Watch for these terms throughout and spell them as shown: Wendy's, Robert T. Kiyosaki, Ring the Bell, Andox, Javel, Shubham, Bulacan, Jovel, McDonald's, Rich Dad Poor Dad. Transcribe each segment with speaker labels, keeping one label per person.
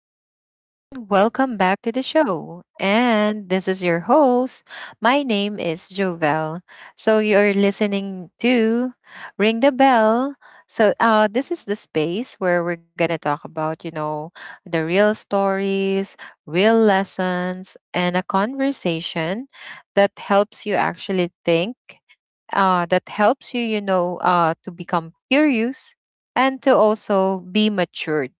Speaker 1: everyone. Welcome back to the show. And this is your host. My name is Jovel. So you're listening to Ring the Bell. So this is the space where we're going to talk about, you know, the real stories, real lessons, and a conversation that helps you actually think that helps you, you know, to become curious and to also be matured.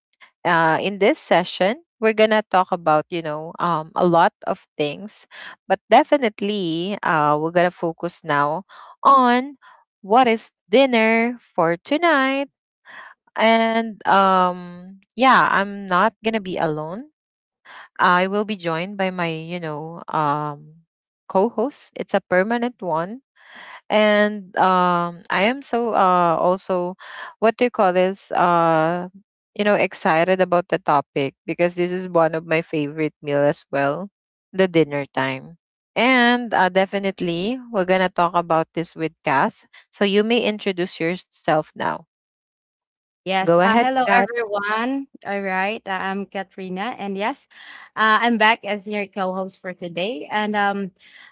Speaker 1: In this session, we're gonna talk about, you know, a lot of things, but definitely, we're gonna focus now on what is dinner for tonight. And Yeah, I'm not gonna be alone. I will be joined by my, you know, co-host. It's a permanent one, and I am so also, what do you call this? You know, excited about the topic, because this is one of my favorite meal as well, the dinner time. And definitely we're gonna talk about this with Kath, so you may introduce yourself now.
Speaker 2: Yes.
Speaker 1: Go ahead,
Speaker 2: Hello,
Speaker 1: Kath.
Speaker 2: everyone. All right. I'm Katrina. And yes, I'm back as your co host for today. And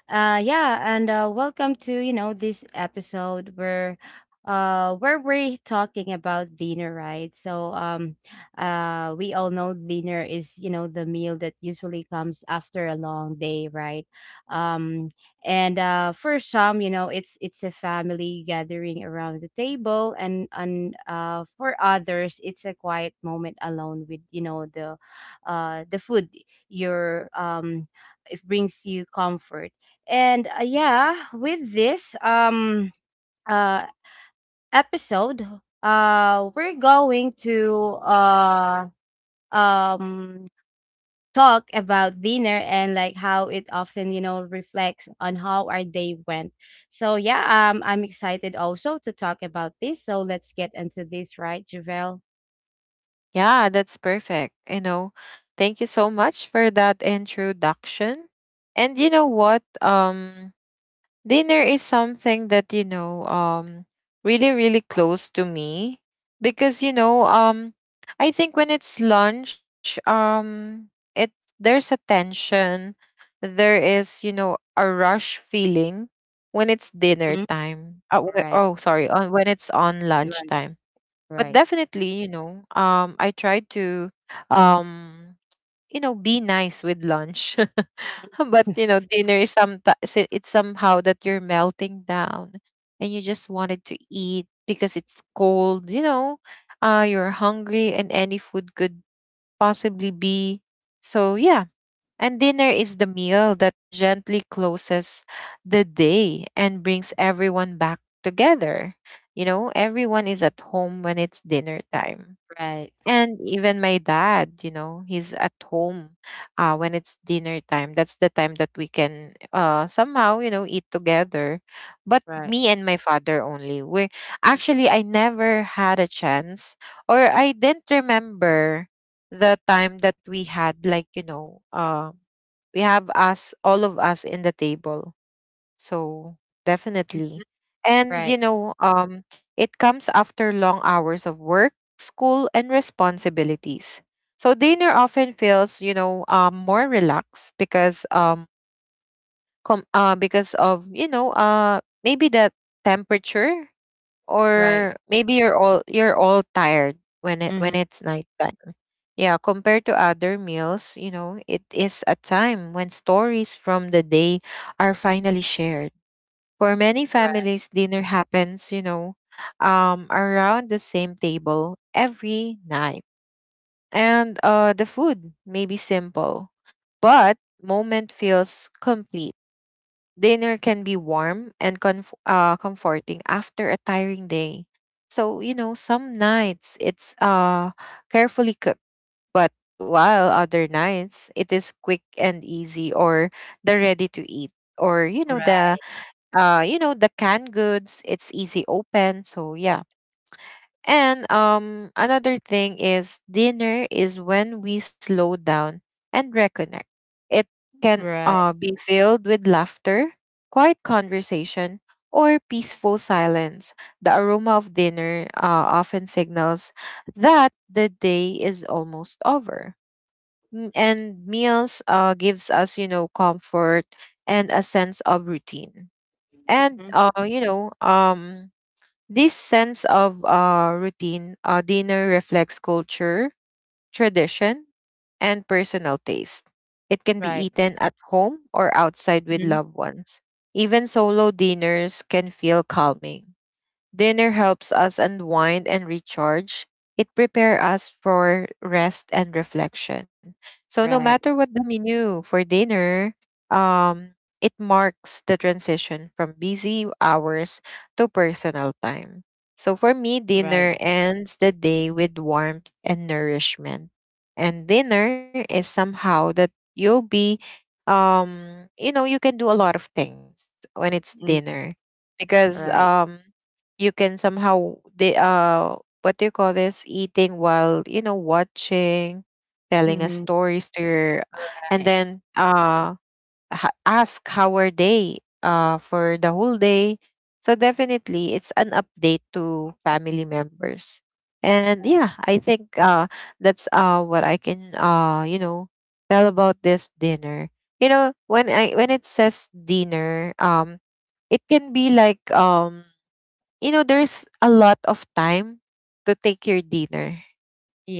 Speaker 2: yeah, and Welcome to, this episode where we're talking about dinner, right? So we all know dinner is, you know, the meal that usually comes after a long day, right? um and For some, you know, it's a family gathering around the table, and for others it's a quiet moment alone with, you know, the food. Your It brings you comfort. And Yeah, with this uh episode we're going to um talk about dinner and like how it often, reflects on how our day went. So yeah, I'm excited also to talk about this. So let's get into this, right, Javel?
Speaker 1: Yeah, that's perfect, you know. Thank you so much for that introduction. And you know what? Dinner is something that, you know, really really close to me, because you know, I think when it's lunch, it, there's a tension, there is, you know, a rush feeling when it's dinner
Speaker 2: Mhm.
Speaker 1: time. uh, wh-
Speaker 2: Right,
Speaker 1: oh sorry, on when it's on lunch
Speaker 2: right,
Speaker 1: time. But
Speaker 2: right,
Speaker 1: definitely, you know, I try to um you know, be nice with lunch. But you know, dinner is some it's somehow that you're melting down, and you just wanted to eat because it's cold, you know. You're hungry, and any food could possibly be. So yeah. And dinner is the meal that gently closes the day and brings everyone back together. You know, everyone is at home when it's dinner time.
Speaker 2: right,
Speaker 1: And even my dad, you know, he's at home when it's dinner time. That's the time that we can somehow, you know, eat together. But
Speaker 2: right.
Speaker 1: me and my father only. We're actually, I never had a chance, or I didn't remember the time that we had, like, you know, we have us, all of us in the table, so definitely.
Speaker 2: Mhm.
Speaker 1: And you
Speaker 2: Right,
Speaker 1: know, it comes after long hours of work, school, and responsibilities. So dinner often feels, you know, more relaxed because because of, you know, maybe the temperature,
Speaker 2: right.
Speaker 1: or maybe you're all tired when it when
Speaker 2: Mhm.
Speaker 1: it's nighttime. Yeah, compared to other meals, you know, it is a time when stories from the day are finally shared. For many
Speaker 2: Right,
Speaker 1: families, dinner happens, you know, around the same table every night. And the food may be simple, but moment feels complete. Dinner can be warm and comforting after a tiring day. So, you know, some nights it's carefully cooked, but while other nights it is quick and easy, or the ready to eat, or, you know, the the canned goods, it's easy open. So yeah. And another thing is, dinner is when we slow down and reconnect. It can
Speaker 2: right, right.
Speaker 1: be filled with laughter, quiet conversation, or peaceful silence. The aroma of dinner often signals that the day is almost over. And meals gives us, you know, comfort and a sense of routine. And
Speaker 2: Mhm.
Speaker 1: this sense of routine, dinner reflects culture, tradition, and personal taste. It can be
Speaker 2: Right.
Speaker 1: eaten at home or outside with
Speaker 2: Mhm.
Speaker 1: loved ones. Even solo dinners can feel calming. Dinner helps us unwind and recharge. It prepares us for rest and reflection. So no matter
Speaker 2: Right,
Speaker 1: what the menu for dinner, um, it marks the transition from busy hours to personal time. So for me,
Speaker 2: right.
Speaker 1: dinner ends the day with warmth and nourishment. And dinner is somehow that you'll be you know, you can do a lot of things when it's
Speaker 2: Mm.
Speaker 1: dinner, because
Speaker 2: Right.
Speaker 1: you can somehow they what do you call this? Eating while, you know, watching, telling a
Speaker 2: Mhm.
Speaker 1: stories to your. And
Speaker 2: Right,
Speaker 1: then ask how are they for the whole day. So definitely, it's an update to family members. And
Speaker 2: right.
Speaker 1: yeah, I think that's what I can you know, tell about this dinner. You know, when I when it says dinner, it can be like, you know, there's a lot of time to take your dinner.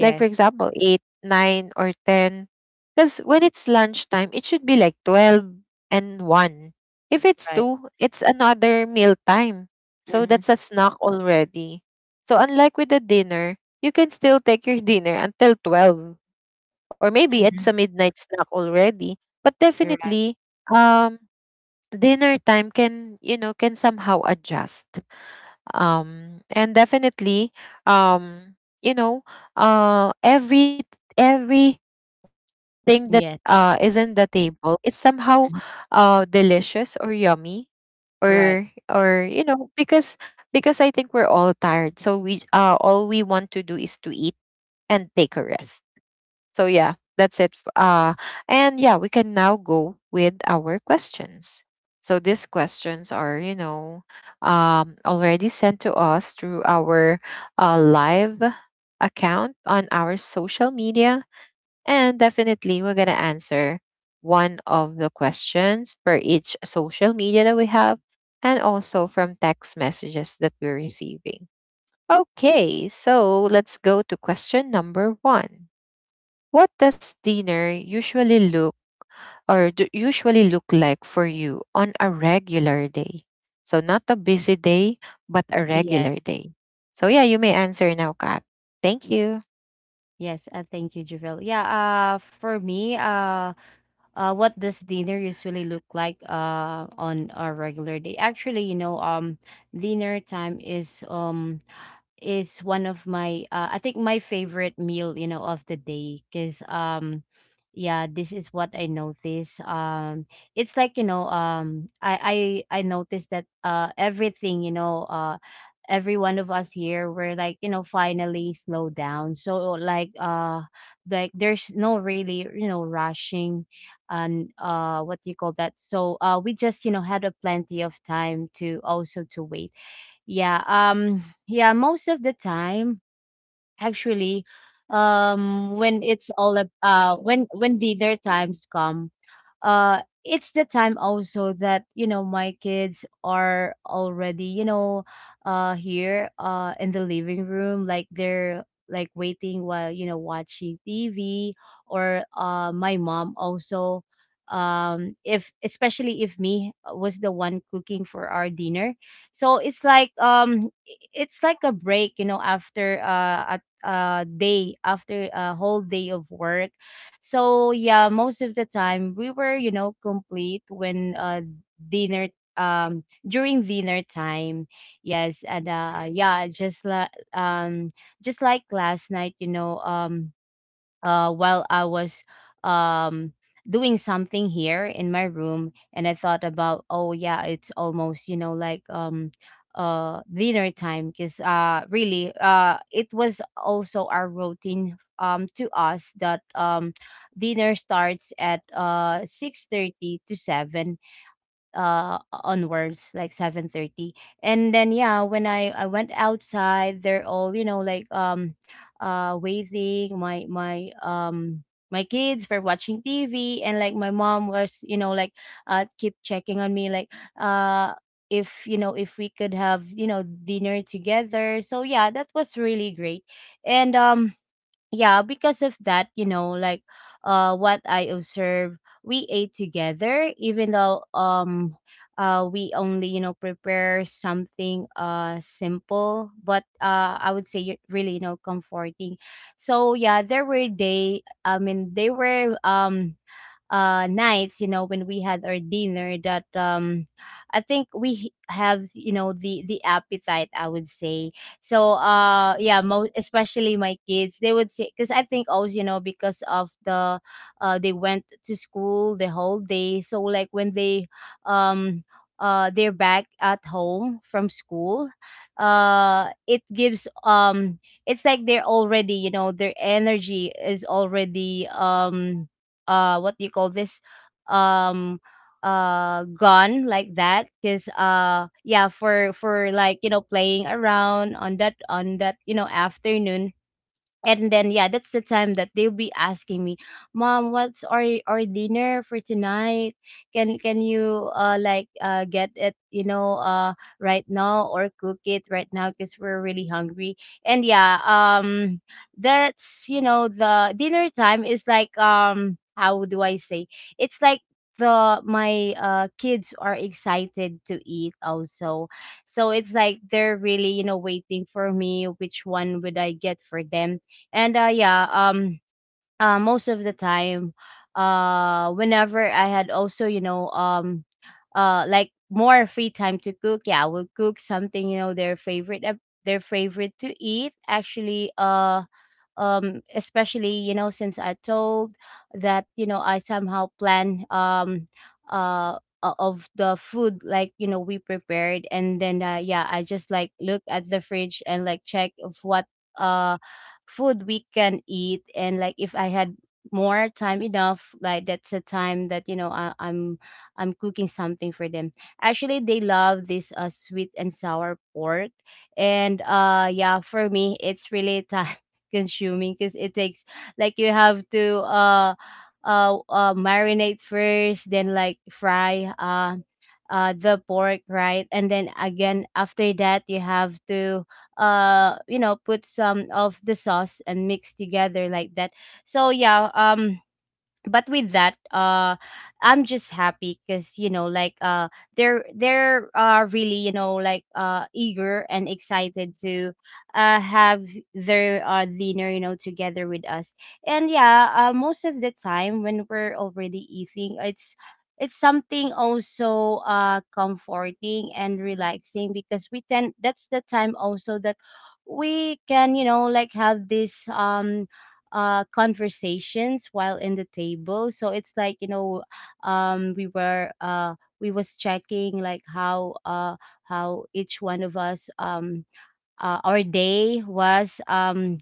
Speaker 1: Like for example, eight, nine, or ten. Because when it's lunchtime, it should be like 12 and one. If it's
Speaker 2: right.
Speaker 1: two, it's another meal time. So
Speaker 2: Mhm.
Speaker 1: that's a snack already. So unlike with the dinner, you can still take your dinner until 12. Or maybe it's a
Speaker 2: Mhm.
Speaker 1: midnight snack already. But
Speaker 2: Right,
Speaker 1: definitely, um, dinner time can, you know, can somehow adjust. And definitely, um you know every every thing that is
Speaker 2: yes.
Speaker 1: in the table, it's somehow
Speaker 2: Mhm.
Speaker 1: delicious or yummy,
Speaker 2: Right.
Speaker 1: or you know, because I think we're all tired, so we all we want to do is to eat and take a rest. So yeah, that's it. And yeah, we can now go with our questions. So these questions are, you know, already sent to us through our live account on our social media, and definitely we're gonna answer one of the questions per each social media that we have, and also from text messages that we're receiving. Okay, so let's go to question number one. What does dinner usually look, usually look like for you on a regular day? So not a busy day, but a
Speaker 2: Yes.
Speaker 1: regular day. So yeah, you may answer now, Kat. Thank you.
Speaker 2: Yes, thank you, Javel. Yeah, for me, what does dinner usually look like, on a regular day? Actually, you know, dinner time is is one of my, I think, my favorite meal, you know, of the day, cuz yeah, this is what I notice. It's like, you know, I noticed that everything, you know, every one of us here we're like, you know, finally slow down. So like, like there's no really, you know, rushing. And what do you call that? So we just, you know, had a plenty of time to also to wait. Yeah, yeah, most of the time, actually, when it's all when dinner times come, it's the time also that, you know, my kids are already, you know, here in the living room, like they're like waiting while, you know, watching TV. Or my mom also, if especially if me was the one cooking for our dinner. So it's like, it's like a break, you know, after a day, after a whole day of work. So yeah, most of the time we were, you know, complete when dinner during dinner time. Yes, and yeah, just like, just like last night, you know, while I was, um, doing something here in my room, and I thought about, oh yeah, it's almost, you know, like, dinner time, because, really, it was also our routine, to us, that dinner starts at 6:30 to 7, onwards like 7:30. And then yeah, when I went outside, they're all, you know, like, waiting. My kids were watching TV, and like my mom was, you know, like, keep checking on me, like, uh if, you know, if we could have, you know, dinner together. So yeah, that was really great. And yeah, because of that, you know, like, what I observe, we ate together, even though, we only, you know, prepare something simple, but I would say really, you know, comforting. So yeah, there were day I mean they were nights, you know, when we had our dinner, that I think we have, you know, the appetite, I would say. So yeah, most especially my kids, they would say, because I think also, you know, because of the, they went to school the whole day. So like when they, um they're back at home from school, it gives, it's like they're already, you know, their energy is already, what do you call this, um gun, like that, because yeah, for like, you know, playing around on that, on that, you know, afternoon. And then yeah, that's the time that they'll be asking me, mom, what's our dinner for tonight? Can you like get it, you know, right now, or cook it right now, because we're really hungry? And yeah, that's, you know, the dinner time is like, how do I say, it's like, the my kids are excited to eat also. So it's like they're really, you know, waiting for me, which one would I get for them. And yeah, most of the time, whenever I had also, you know, like more free time to cook, yeah, I would cook something, you know, their favorite, their favorite to eat. Actually, especially, you know, since I told that, you know, I somehow plan, of the food, like, you know, we prepared. And then yeah, I just like look at the fridge and like check of what uh food we can eat. And like if I had more time enough, like that's the time that, you know, I'm cooking something for them. Actually they love this, sweet and sour pork. And yeah, for me it's really time consuming, because it takes, like, you have to marinate first, then like fry the pork, right? And then again after that, you have to, you know, put some of the sauce and mix together like that. So yeah, but with that, I'm just happy, because, you know, like, they're really, you know, like eager and excited to have their dinner, you know, together with us. And yeah, most of the time when we're already eating, it's something also comforting and relaxing, because we tend, that's the time also that we can, you know, like have this, conversations while in the table. So it's like, you know, um we were uh we was checking like how, how each one of us, our day was,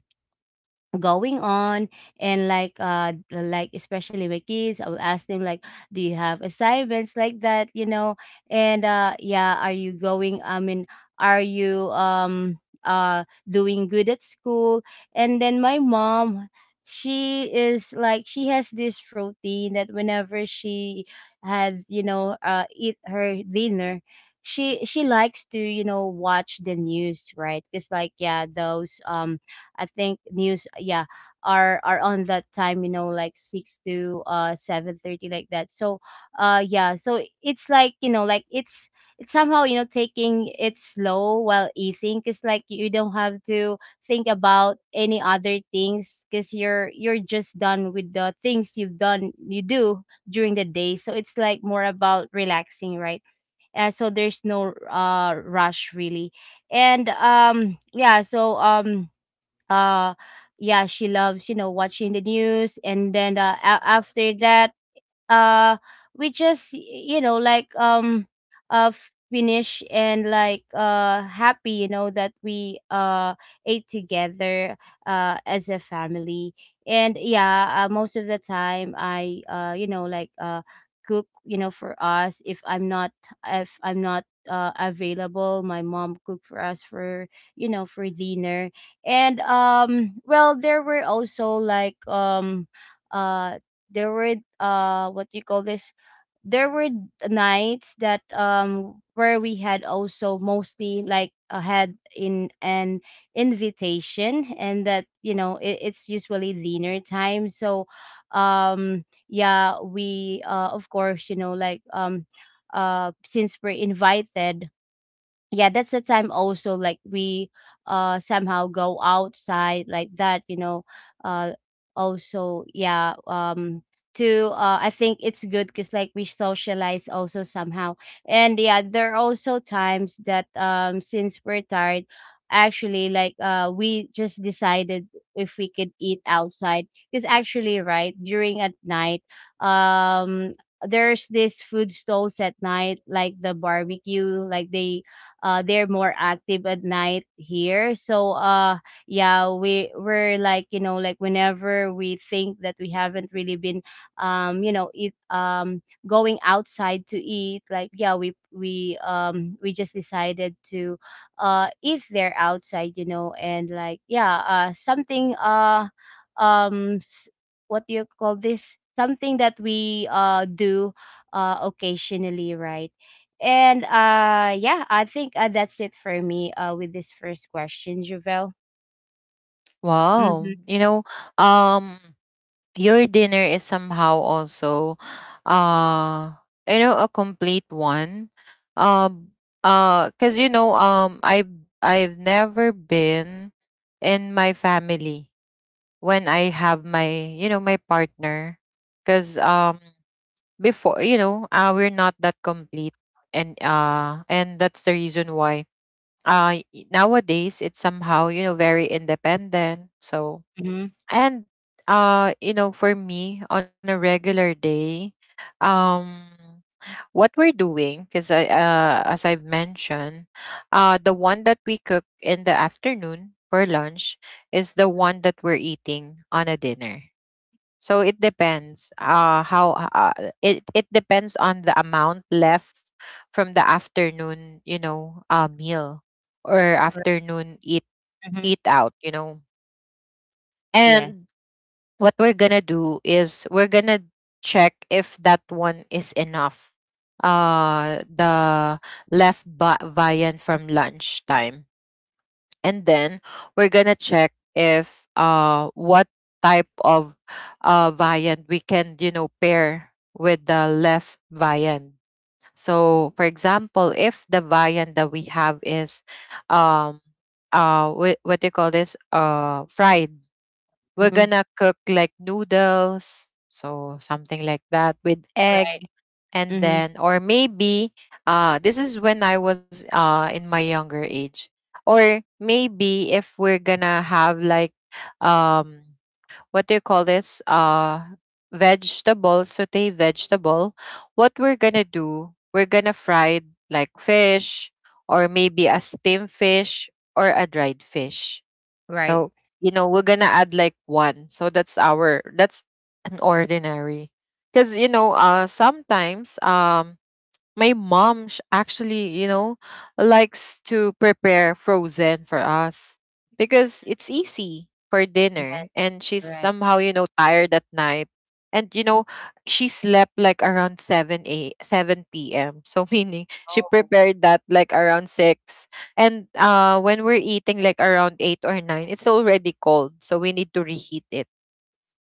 Speaker 2: going on. And like, like especially my kids, I will ask them like, do you have assignments, like that, you know? And yeah, are you going, I mean, are you, uh doing good at school? And then my mom, she is like, she has this routine that whenever she has, you know, eat her dinner, she likes to, you know, watch the news, right? Because like, yeah, those, I think news, yeah, are on that time, you know, like 6 to 7:30, like that. So yeah, so it's like, you know, like, it's somehow, you know, taking it slow while eating, cuz like, you don't have to think about any other things, cuz you're just done with the things you've done, you do during the day. So it's like more about relaxing, right? So there's no rush really. And yeah, so uh yeah, she loves, you know, watching the news. And then after that, uh we just you know, like, uh finish, and like happy, you know, that we ate together as a family. And yeah, most of the time I, you know, like cook, you know, for us. If I'm not, if I'm not available, my mom cooked for us for, you know, for dinner. And well, there were also like, uh there were what do you call this, there were nights that, where we had also mostly like, had in an invitation, and that, you know, it, it's usually dinner time. So um yeah, we of course, you know, like, since we're invited, yeah, that's the time also, like we somehow go outside, like that, you know? uh Also yeah, to, I think it's good, because like, we socialize also somehow. And yeah, there are also times that, since we're tired actually, like, we just decided if we could eat outside. Because actually right during at night, um there's this food stalls at night, like the barbecue, like they they're more active at night here. So yeah, we, we're like, you know, like, whenever we think that we haven't really been, you know, eat, going outside to eat, like, yeah, we we just decided to eat there outside, you know? And like yeah, something um s- what do you call this, something that we do occasionally, right? And yeah, I think that's it for me with this first question, Javel.
Speaker 1: Wow.
Speaker 2: Mhm.
Speaker 1: You know, um your dinner is somehow also uh you know, a complete one. Um Cuz you know, I've never been in my family when I have my, you know, my partner. Cause before, you know, we're not that complete. And that's the reason why nowadays it's somehow, you know, very independent. So,
Speaker 2: Mhm.
Speaker 1: and you know, for me on a regular day, um what we're doing, because I as I've mentioned, the one that we cook in the afternoon for lunch is the one that we're eating on a dinner. So it depends how it it depends on the amount left from the afternoon, you know, meal, or afternoon
Speaker 2: Mhm.
Speaker 1: eat out, you know.
Speaker 2: Yes.
Speaker 1: And what we're going to do is we're going to check if that one is enough. The left viand from lunchtime, and then we're gonna check if what type of viand we can, you know, pair with the left viand. So for example, if the viand that we have is um what do you call this? Fried, we're
Speaker 2: Mhm.
Speaker 1: gonna cook like noodles, so something like that with egg.
Speaker 2: Right.
Speaker 1: And
Speaker 2: Mhm.
Speaker 1: then, or maybe, this is when I was in my younger age. Or maybe if we're gonna have like, um, what do you call this? Vegetable, saute vegetable. What we're gonna do, we're gonna fry like fish, or maybe a steamed fish or a dried fish,
Speaker 2: Right.
Speaker 1: so, you know, we're gonna add like one. So that's our, that's an ordinary. Because, you know, sometimes my mom actually, you know, likes to prepare frozen for us, because it's easy for dinner,
Speaker 2: Yes.
Speaker 1: and she's
Speaker 2: Right.
Speaker 1: somehow, you know, tired at night. And you know, she slept like around 7 p.m. So meaning she
Speaker 2: Oh.
Speaker 1: prepared that like around 6. And uh, when we're eating like around 8 or 9, it's already cold. So we need to reheat it.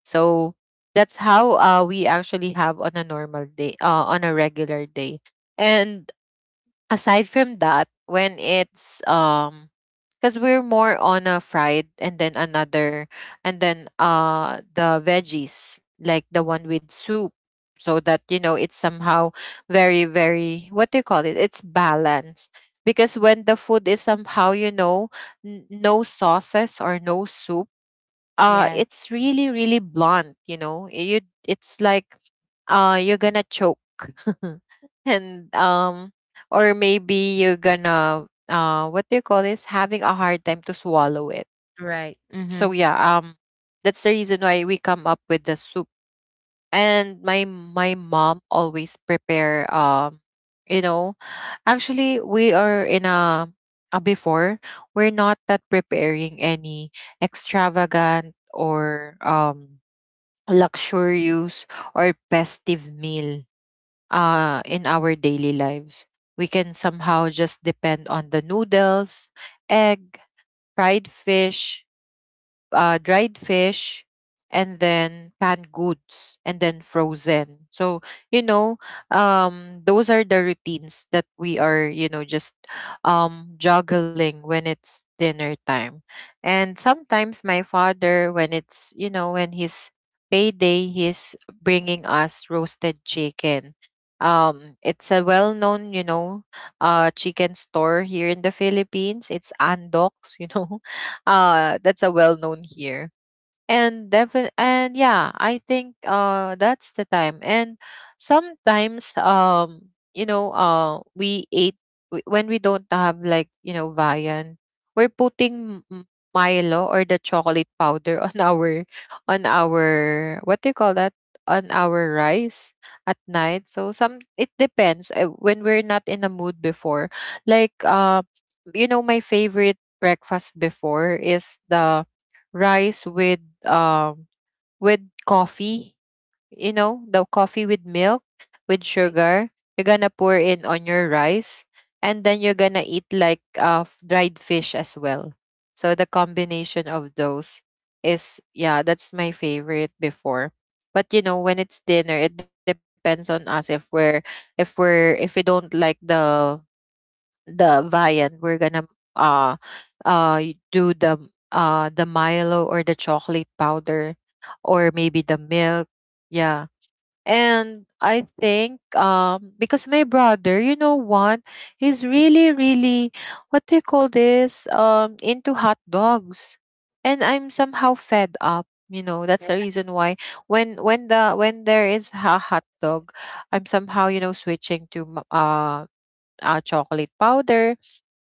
Speaker 1: So that's how we actually have on a normal day, on a regular day. And aside from that, when it's because we're more on a fried, and then another, and then the veggies like the one with soup, so that you know it's somehow very very, what do you call it? It's balanced. Because when the food is somehow, you know, no sauces or no soup,
Speaker 2: Yes.
Speaker 1: it's really really blunt, you know. You It's like you're gonna choke. And or maybe you're gonna what do you call this, having a hard time to swallow it.
Speaker 2: Right.
Speaker 1: So
Speaker 2: Mhm.
Speaker 1: yeah, that's the reason why we come up with the soup. And my mom always prepare, you know actually we are in a before, we're not that preparing any extravagant, or luxurious, or festive meal in our daily lives. We can somehow just depend on the noodles, egg, fried fish, dried fish, and then canned goods, and then frozen. So you know, those are the routines that we are, you know, just juggling when it's dinner time. And sometimes my father, when it's you know when his payday, he's bringing us roasted chicken. It's a well-known, chicken store here in the Philippines. It's Andox, . That's a well known here, and definitely, and yeah, I think that's the time. And sometimes, we ate when we don't have, like, you know, viand, we're putting Milo or the chocolate powder on our what do you call that, on our rice at night. So some it depends, when we're not in a mood before, like, you know, my favorite breakfast before is the rice with with coffee, you know, the coffee with milk, with
Speaker 2: Right.
Speaker 1: sugar. You're gonna pour in on your rice, and then you're gonna eat like dried fish as well. So the combination of those is, yeah, that's my favorite before. But, you know, when it's dinner, it depends on us if we're if we don't like the viand. We're gonna uh do the Milo or the chocolate powder, or maybe the milk. Yeah. And I think, because my brother, you know what, he's really, really, what do you call this? Into hot dogs. And I'm somehow fed up. You know, that's the
Speaker 2: You're
Speaker 1: reason why when there is a hot dog, I'm somehow, you know, switching to chocolate powder,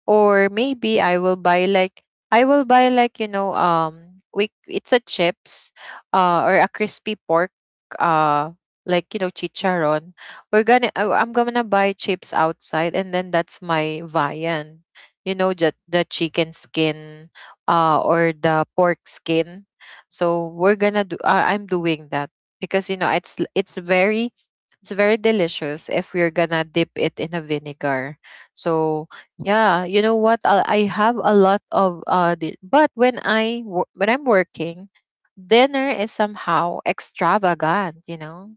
Speaker 1: or maybe I will buy like you know, we it's a chips, or a crispy pork, uh like, you know, chicharon. We're gonna I'm gonna buy chips outside, and then that's my viand, you know, just the chicken skin, or the pork skin. So we're gonna do, I'm doing that, because, you know, it's very, it's very delicious if we're gonna dip it in a vinegar. So, yeah, you know what? I have a lot of but when I'm working, dinner is somehow extravagant. You know,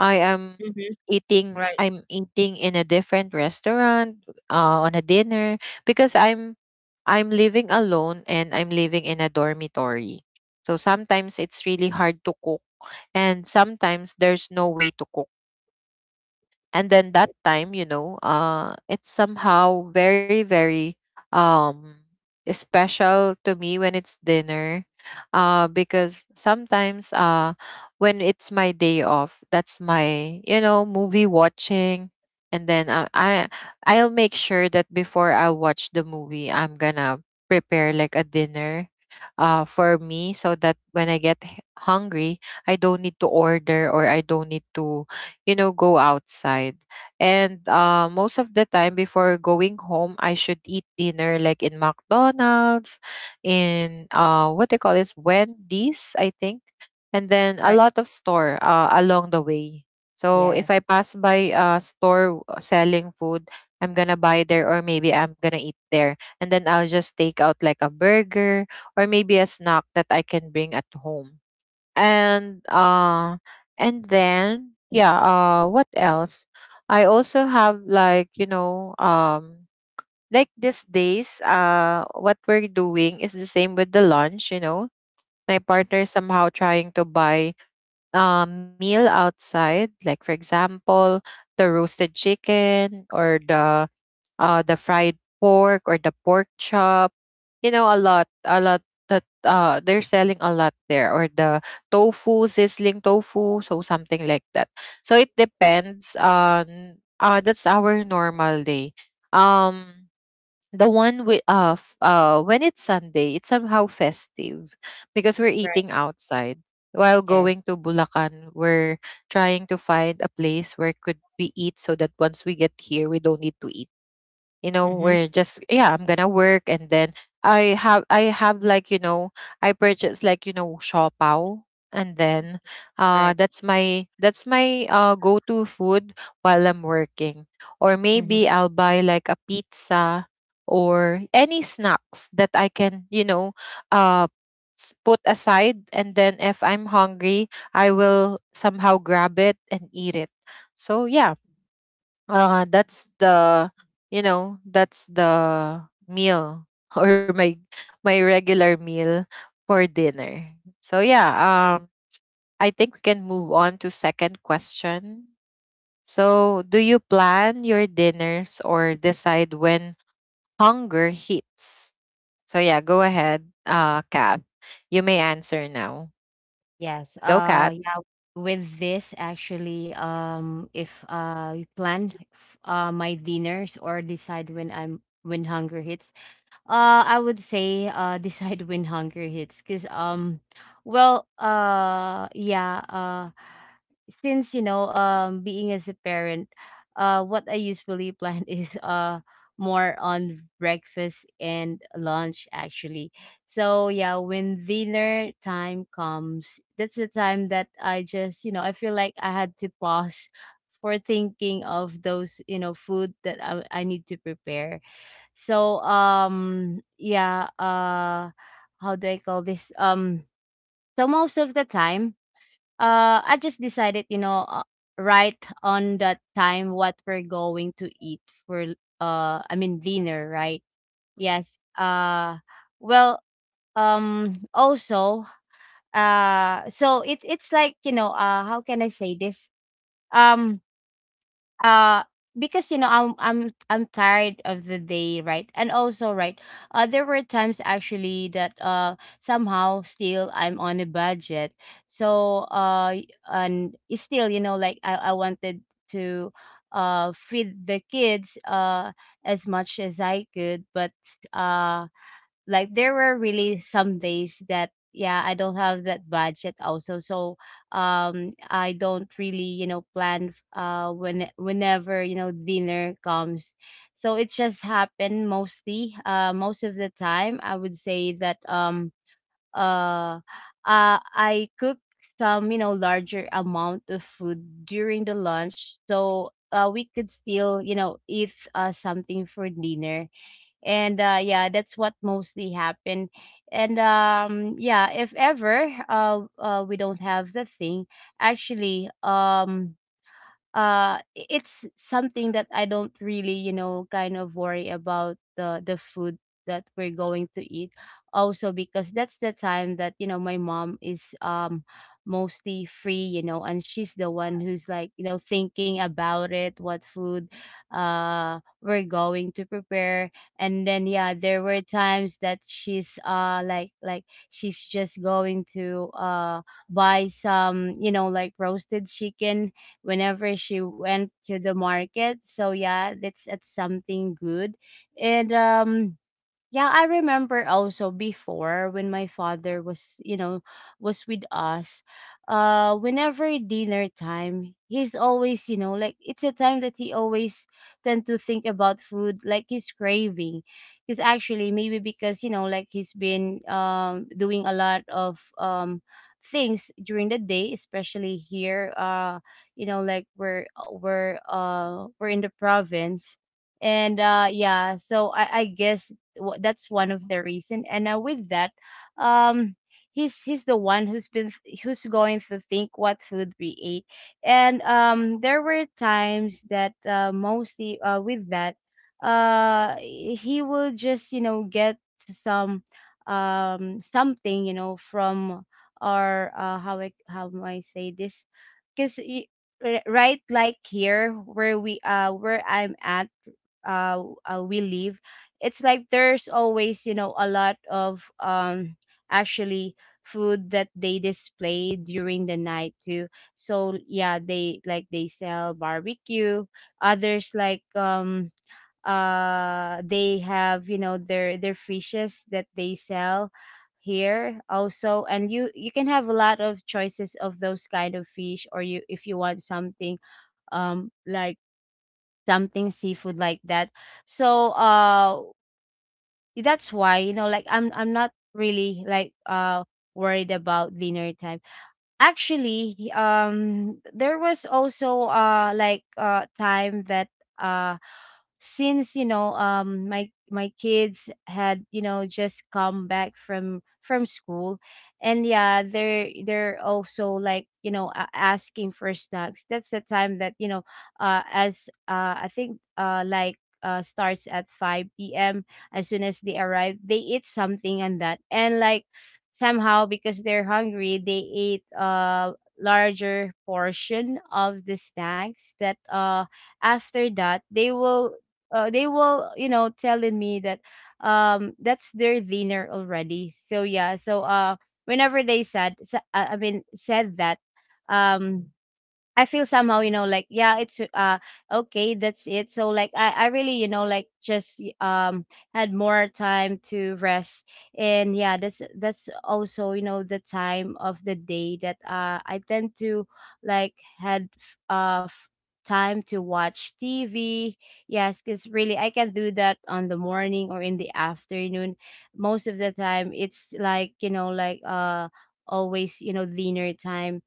Speaker 1: I am
Speaker 2: right. Mhm.
Speaker 1: eating.
Speaker 2: Right.
Speaker 1: I'm eating in a different restaurant, on a dinner, because I'm living alone, and I'm living in a dormitory. So sometimes it's really hard to cook, and sometimes there's no way to cook. And then that time, you know, it's somehow very, very, um special to me when it's dinner, because sometimes, when it's my day off, that's my, you know, movie watching. And then, I'll make sure that before I watch the movie, I'm gonna prepare like a dinner, for me, so that when I get hungry, I don't need to order, or I don't need to, you know, go outside. And, most of the time before going home, I should eat dinner like in McDonald's, in, what they call this, Wendy's, I think, and then a
Speaker 2: Right.
Speaker 1: lot of store, along the way. So if I
Speaker 2: Yes.
Speaker 1: pass by a store selling food, I'm gonna buy there, or maybe I'm gonna eat there. And then I'll just take out like a burger, or maybe a snack that I can bring at home. And uh and then yeah, what else, I also have like, you know, like these days, what we're doing is the same with the lunch. You know, my
Speaker 2: Mhm.
Speaker 1: partner somehow trying to buy a meal outside, like for example, the roasted chicken, or the, the fried pork, or the pork chop. You know, a lot that, they're selling a lot there, or the tofu, sizzling tofu, so something like that. So it depends on, that's our normal day. Um, the one with, when it's Sunday, it's somehow festive, because we're
Speaker 2: Right.
Speaker 1: eating outside. While
Speaker 2: Yes.
Speaker 1: going to Bulacan, we're trying to find a place where could we eat, so that once we get here, we don't need to eat. You know,
Speaker 2: Mhm.
Speaker 1: we're just, yeah, I'm gonna work, and then I have like, you know, I purchased like, you know, shopao. And then, uh
Speaker 2: Right.
Speaker 1: that's my that's my uh go-to food while I'm working, or
Speaker 2: Mhm.
Speaker 1: maybe I'll buy like a pizza, or any snacks that I can, you know, uh put aside. And then if I'm hungry, I will somehow grab it and eat it. So yeah, that's the, you know, that's the meal, or my regular meal for dinner. So yeah, I think we can move on to second question. So, do you plan your dinners, or decide when hunger hits? So yeah, go ahead, Kat, you may answer now.
Speaker 2: Yes.
Speaker 1: Go, Kat.
Speaker 2: Yeah, with this actually if I plan my dinners or decide when hunger hits. I would say decide when hunger hits, cause well uh yeah uh, since being as a parent, what I usually plan is more on breakfast and lunch actually. So yeah, when dinner time comes, that's the time that I just I feel like I had to pause for thinking of those food that I need to prepare, so how do I call this? So most of the time, I just decided, right on that time what we're going to eat for, I mean, dinner, right? Yes. Well, also, so it's like, how can I say this? Um uh because you know I'm tired of the day, right? And also, right, there were times actually that somehow still I'm on a budget, so and it's still you know like I wanted to feed the kids as much as I could, but uh like there were really some days that yeah I don't have that budget also, so I don't really you know plan whenever you know dinner comes. So it just happened mostly, most of the time I would say that uh I cook some you know larger amount of food during the lunch, so we could still you know eat something for dinner. And yeah, that's what mostly happened. And yeah, if ever we don't have the thing, actually it's something that I don't really, you know, kind of worry about the food that we're going to eat. Also because that's the time that, you know, my mom is mostly free, you know, and she's the one who's like, you know, thinking about it, what food we're going to prepare. And then yeah, there were times that she's like she's just going to buy some, you know, like roasted chicken whenever she went to the market. So yeah, that's something good. And yeah, I remember also before when my father was, you know, was with us, whenever dinner time, he's always, you know, like it's a time that he always tend to think about food, like he's craving. Because actually, maybe because, you know, like he's been doing a lot of things during the day, especially here, you know, like we're in the province, and yeah, so I guess that's one of the reason. And with that, um, he's the one who's been, who's going to think what food we ate. And there were times that mostly with that, he will just you know get some something you know from our how I how do I say this, because, right, like here where we where I'm at, uh, we live, it's like there's always you know a lot of actually food that they display during the night too. So yeah, they like they sell barbecue, others like they have you know their fishes that they sell here also, and you can have a lot of choices of those kind of fish, or you if you want something like something seafood like that. So that's why you know like I'm not really like worried about dinner time. Actually, there was also time that uh since you know my kids had you know just come back from school, and yeah, they're also like you know asking for snacks. That's the time that you know, as I think starts at 5 p.m. As soon as they arrive, they eat something, and that and like, somehow, because they're hungry, they ate a larger portion of the snacks. That after that, they will you know telling me that that's their dinner already. So yeah, so whenever they said, I mean said that, um I feel somehow, you know, like yeah, it's okay, that's it. So like I really, you know, like just had more time to rest. And yeah, that's also, you know, the time of the day that I tend to like had time to watch TV. Yes, because really I can do that on the morning or in the afternoon. Most of the time it's like, you know, like always, you know, dinner time,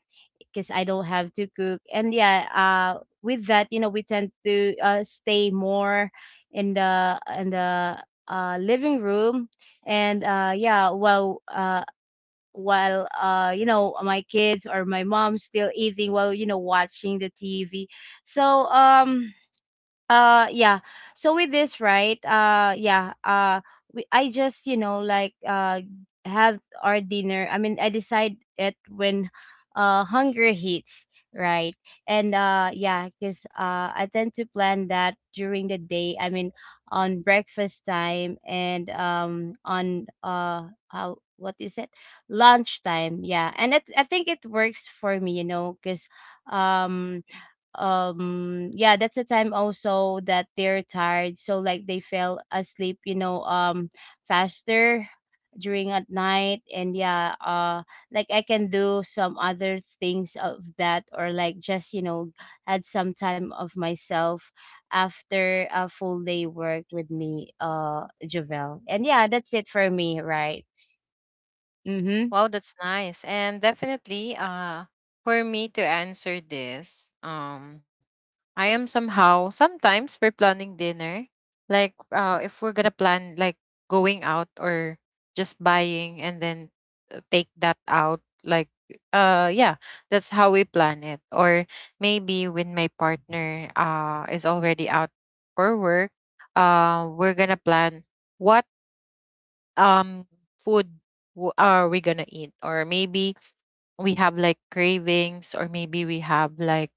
Speaker 2: because I don't have to cook. And yeah, with that, you know, we tend to stay more in the living room, and yeah, while you know my kids or my mom still eating while you know watching the TV. So um yeah, so with this, right, we, I just you know like have our dinner, I mean I decide it when hunger hits, right. And yeah, because I tend to plan that during the day, I mean on breakfast time and on how what is it, lunchtime. Yeah, and it, I think it works for me you know because um yeah, that's the time also that they're tired, so like they fell asleep you know faster during at night. And yeah, like I can do some other things of that, or like just you know had some time of myself after a full day work with me, Jovel. And yeah, that's it for me, right. Mm-hmm.
Speaker 1: Wow, that's nice. And definitely, for me to answer this, I am somehow, sometimes we're planning dinner. Like, if we're gonna plan, like, going out, or just buying and then, take that out, like, yeah, that's how we plan it. Or maybe when my partner, is already out for work, we're gonna plan what, um food are we gonna eat, or maybe we have like cravings, or maybe we have like,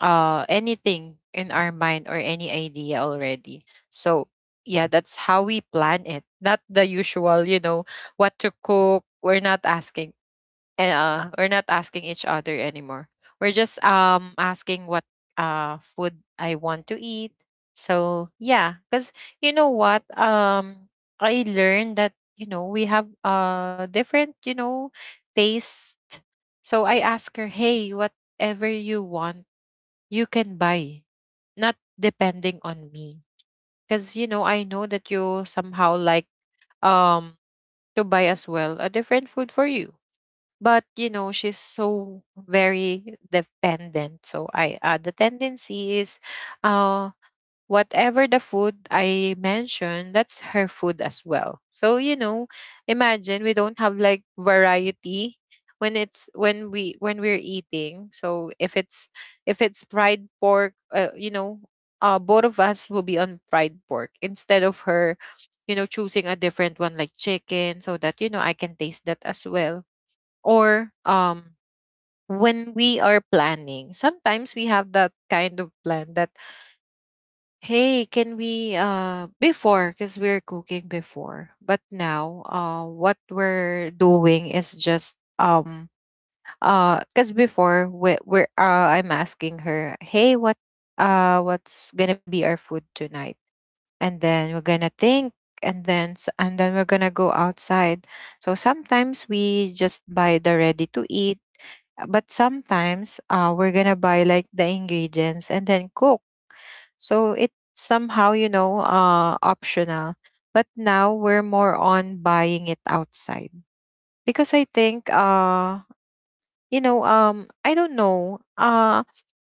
Speaker 1: anything in our mind, or any idea already. So yeah, that's how we plan it, not the usual, you know, what to cook. We're not asking, we're not asking each other anymore. We're just, asking what, food I want to eat. So yeah, cuz you know what, I learned that, you know, we have, different, you know, taste. So I ask her, hey, whatever you want, you can buy, not depending on me. Because, you know, I know that you somehow like, um to buy as well a different food for you. But, you know, she's so very dependent. So I, the tendency is, uh whatever the food I mentioned, that's her food as well. So, you know, imagine we don't have like variety when it's when we're eating. So if it's fried pork, you know, both of us will be on fried pork, instead of her, you know, choosing a different one like chicken, so that you know I can taste that as well. Or, when we are planning, sometimes we have that kind of plan that, hey, can we, before, because we're cooking before, but now, what we're doing is just, because before we're I'm asking her, hey, what, what's gonna be our food tonight? And then we're gonna think, and then we're gonna go outside. So sometimes we just buy the ready to eat, but sometimes, we're gonna buy like the ingredients and then cook. So it's somehow, you know, optional. But now we're more on buying it outside, because I think, you know, I don't know.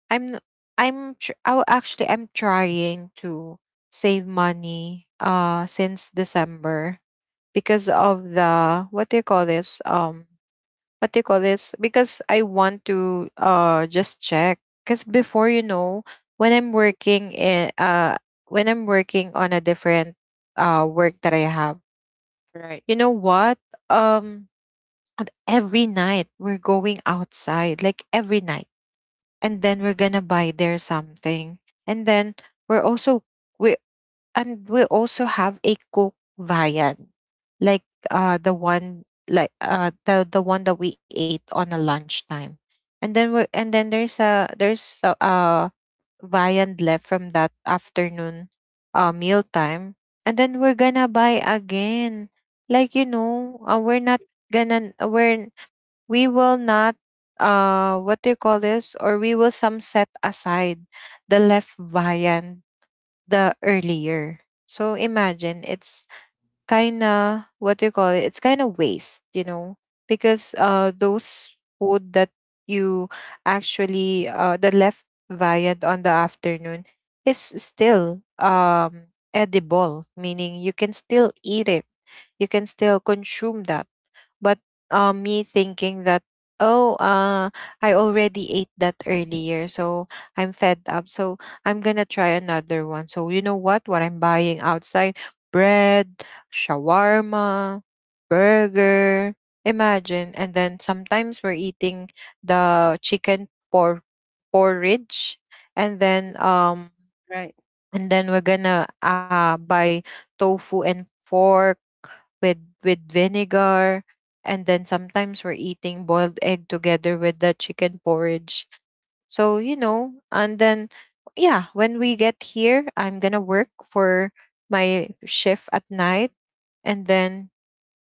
Speaker 1: I'm, actually, I'm trying to save money, since December, because of the what do you call this? What do you call this? Because I want to, just check. Because before, you know, when I'm working in, when I'm working on a different, work that I have,
Speaker 2: Right.
Speaker 1: you know what, Um and every night we're going outside, like every night. And then we're gonna buy there something. And then we're also we we also have a cooked viand, like, the one like, the one that we ate on a lunchtime. And then there's a there's a viand left from that afternoon, meal time. And then we're gonna buy again, like, you know, we're not gonna, we will not what do you call this, or we will some set aside the left viand the earlier. So imagine it's kind of what do you call it? It's kind of waste, you know, because, those food that you, actually, the left viand on the afternoon is still, edible, meaning you can still eat it. You can still consume that but me thinking that oh uh I already ate that earlier, so I'm fed up, so I'm gonna try another one. So you know what I'm buying outside? Bread, shawarma, burger, imagine. And then sometimes we're eating the porridge, and then um
Speaker 2: Right.
Speaker 1: and then we're gonna buy tofu and pork with vinegar. And then sometimes we're eating boiled egg together with the chicken porridge. So you know, and then yeah, when we get here, I'm gonna work for my shift at night. And then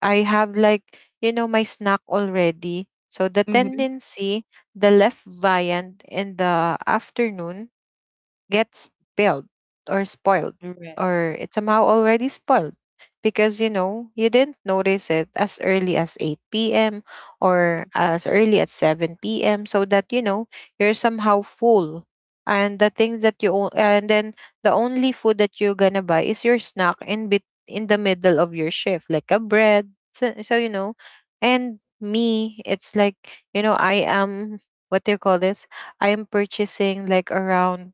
Speaker 1: I have, like, you know, my snack already. So the
Speaker 2: Mm-hmm.
Speaker 1: tendency, the left viand in the afternoon gets spilled or spoiled,
Speaker 2: Right.
Speaker 1: or it's somehow already spoiled, because you know, you didn't notice it as early as 8 p.m or as early as 7 p.m, so that you know, you're somehow full. And the things that you and then the only food that you're gonna buy is your snack in the middle of your shift, like a bread. So, you know. And me, it's like, you know, I am, what do you call this, I am purchasing like around,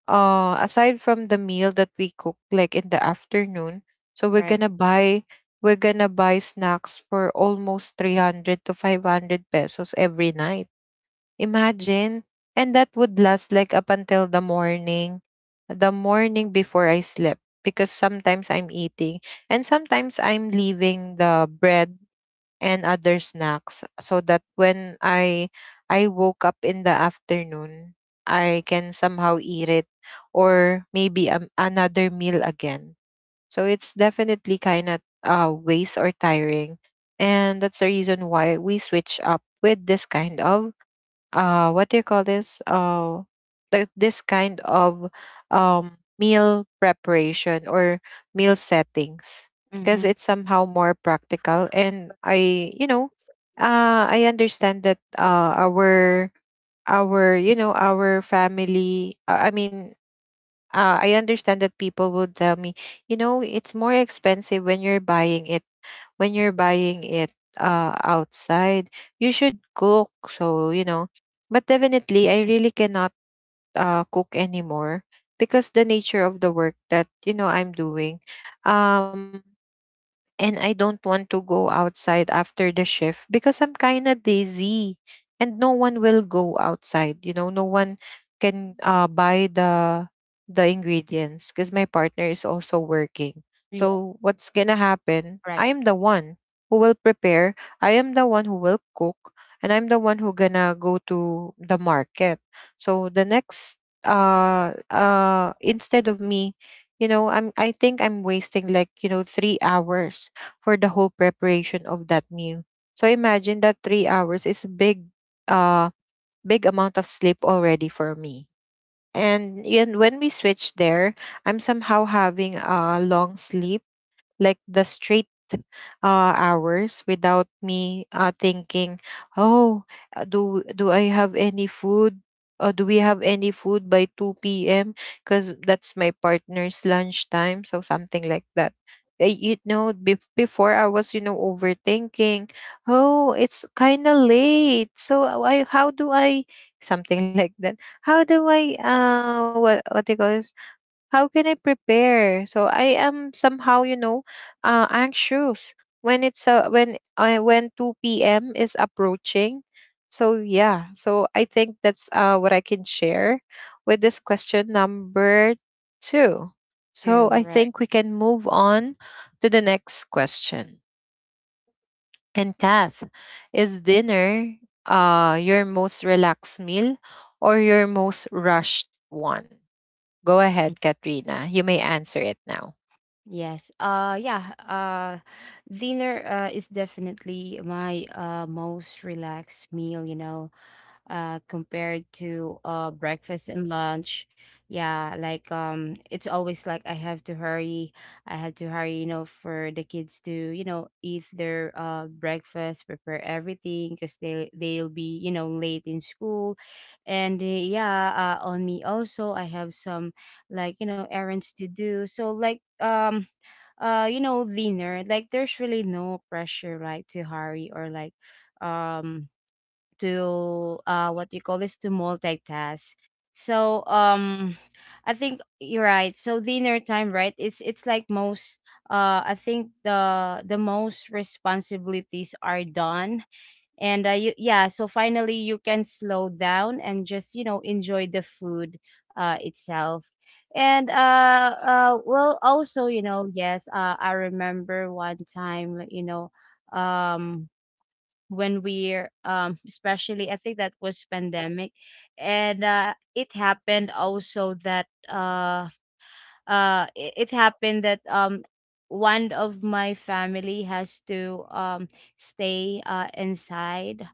Speaker 1: aside from the meal that we cook, like in the afternoon. So we're
Speaker 2: Right.
Speaker 1: gonna buy, we're gonna buy snacks for almost 300 to 500 pesos every night, imagine. And that would last like up until the morning, the morning before I slept, because sometimes I'm eating and sometimes I'm leaving the bread and other snacks so that when I woke up in the afternoon, I can somehow eat it, or maybe another meal again. So it's definitely kind of waste or tiring. And that's the reason why we switch up with this kind of what do you call this like this kind of meal preparation or meal settings, because
Speaker 2: Mm-hmm.
Speaker 1: it's somehow more practical. And I, you know, I understand that our our family, I understand that people would tell me, you know, it's more expensive when you're buying it, when you're buying it outside, you should cook. So, you know, but definitely, I really cannot cook anymore because the nature of the work that, you know, I'm doing. Um, and I don't want to go outside after the shift because I'm kind of dizzy, and no one will go outside. You know, no one can buy the ingredients because my partner is also
Speaker 2: Yeah.
Speaker 1: working. So what's gonna
Speaker 2: Right.
Speaker 1: happen? I am the one who will prepare. I am the one who will cook, and I'm the one who gonna go to the market. So the next instead of me, you know, I think I'm wasting like, you know, 3 hours for the whole preparation of that meal. So imagine that 3 hours is a big uh big amount of sleep already for me. And when we switch there, I'm somehow having a long sleep, like the straight hours, without me thinking, oh, do I have any food? Or do we have any food by two p.m.? Because that's my partner's lunchtime, so something like that. You know, before I was, you know, overthinking. Oh, it's kind of late. So I, how do I something like that? How do I what do you call it? How can I prepare? So I am somehow, you know, anxious when it's when 2 p.m. is approaching. So yeah, so I think that's what I can share with this question number 2.
Speaker 2: Too.
Speaker 1: So I
Speaker 2: Right.
Speaker 1: think we can move on to the next question. And Kath, is dinner your most relaxed meal or your most rushed one? Go ahead, Katrina. You may answer it now.
Speaker 2: Yes. Yeah, dinner is definitely my most relaxed meal, you know, compared to breakfast and lunch. Yeah, like it's always like I have to hurry. I have to hurry, you know, for the kids to, you know, eat their breakfast, prepare everything because they'll be, you know, late in school. And yeah, on me also I have some like, you know, errands to do. So like you know leaner, like there's really no pressure, like to hurry or like um to what you call this, to multitask. So I think you're right, so dinner time, right, it's like most, I think the most responsibilities are done. And you, yeah, so finally you can slow down and just you know enjoy the food itself. And well, also you know yes, I remember one time like, you know, um when we're especially I think that was pandemic. And it happened also that it happened that one of my family has to stay inside,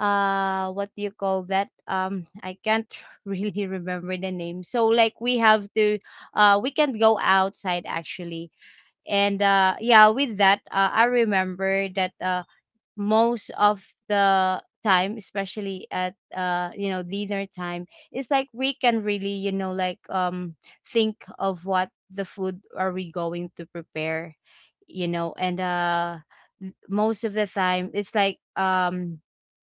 Speaker 2: what do you call that, I can't really remember the name. So like we have to, we can go outside actually. And yeah, with that, I remember that most of the time, especially at you know dinner time, it's like we can really you know like think of what the food are we going to prepare, you know. And most of the time it's like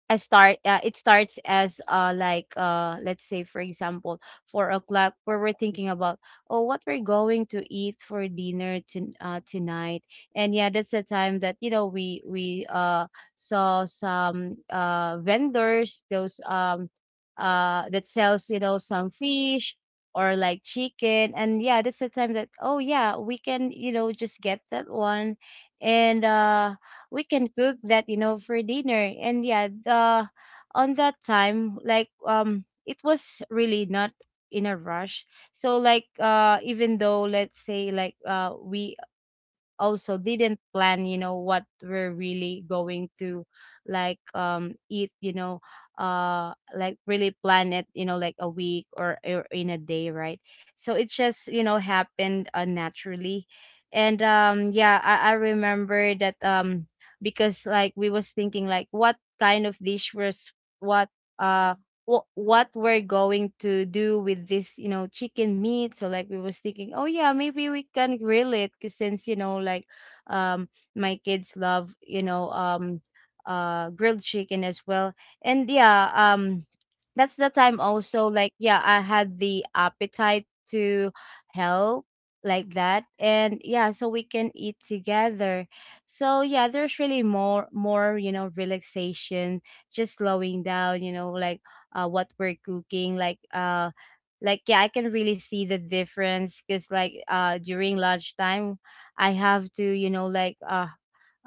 Speaker 2: I start, it starts as let's say for example 4 o'clock, where we're thinking about, oh, what we're going to eat for dinner to, tonight. And yeah, that's the time that you know we saw some vendors, those that sells you know some fish or like chicken. And yeah, that's the time that, oh yeah, we can you know just get that one. And we can cook that you know for dinner. And yeah, the on that time like it was really not in a rush. So like even though, let's say like we also didn't plan you know what we're really going to like eat you know, like really plan it you know like a week or in a day, right. So it just you know happened naturally. And yeah, I remember that because like we was thinking like what kind of dish was what, uh what we're going to do with this, you know, chicken meat. So like we was thinking, oh yeah, maybe we can grill it, 'cause since you know, like, um, my kids love, you know, grilled chicken as well. And yeah, that's the time also. Like yeah, I had the appetite to help like that, and yeah, so we can eat together. So yeah, there's really more relaxation, just slowing down like what we're cooking like like. Yeah, I can really see the difference because like during lunchtime I have to like uh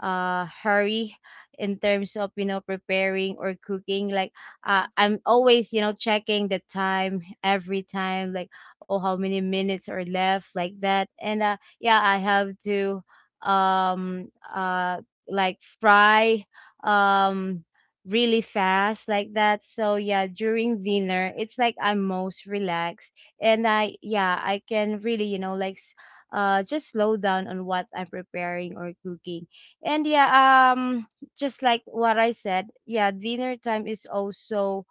Speaker 2: uh hurry in terms of preparing or cooking like. I'm always checking the time every time, like, oh, how many minutes are left, like that. And yeah, I have to um uh like fry um really fast, like that. So yeah, during dinner it's like I'm most relaxed, and I, yeah, I can really like just slow down on what I'm preparing or cooking. And yeah, just like what I said, yeah, dinner time is also,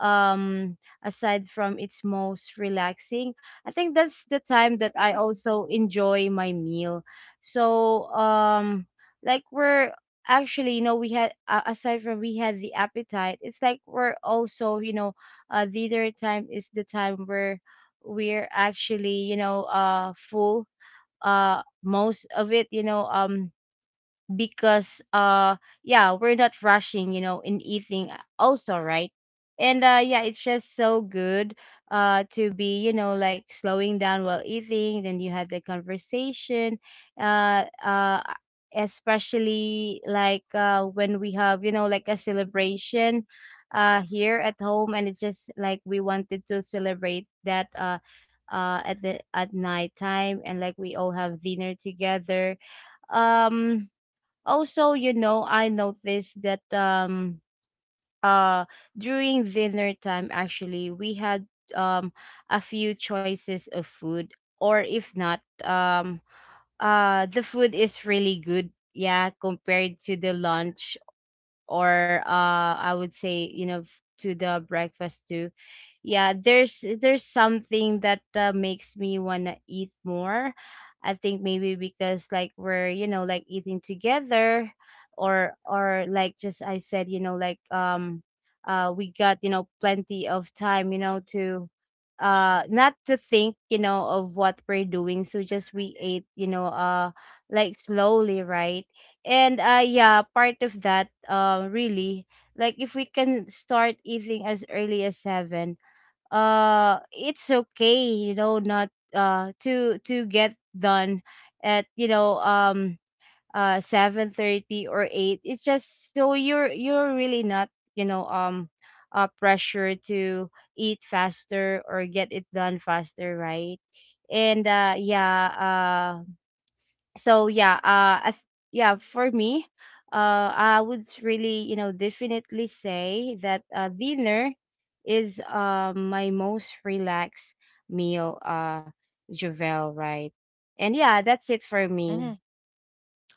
Speaker 2: um, aside from its most relaxing, I think that's the time that I also enjoy my meal. So, like we're actually, we had, aside from, we had the appetite, it's like we're also, dinner time is the time where we're actually, full most of it. Because yeah, we're not rushing in eating, also, right? And yeah, it's just so good to be like slowing down while eating, then you had the conversation. uh uh Especially like when we have like a celebration here at home, and it's just like we wanted to celebrate that at the at night time, and like we all have dinner together. um Also, you know, I noticed that uh during dinner time actually we had um a few choices of food, or if not, um the food is really good, yeah, compared to the lunch, or I would say, you know, to the breakfast too. Yeah, there's something that, makes me wanna eat more. I think maybe because like we're, you know, like eating together, or like, just, I said, you know, like we got, you know, plenty of time, you know, to not to think you know of what we're doing, so just we ate, you know, like slowly, right? And yeah, part of that really, like if we can start eating as early as 7, it's okay, you know, not to get done at 7:30 or 8. It's just so you're really not, pressure to eat faster or get it done faster, right? And yeah, so yeah, yeah, for me, I would really, you know, definitely say that, dinner is my most relaxed meal, Javel, right? And yeah, that's it for me.
Speaker 1: Mm-hmm.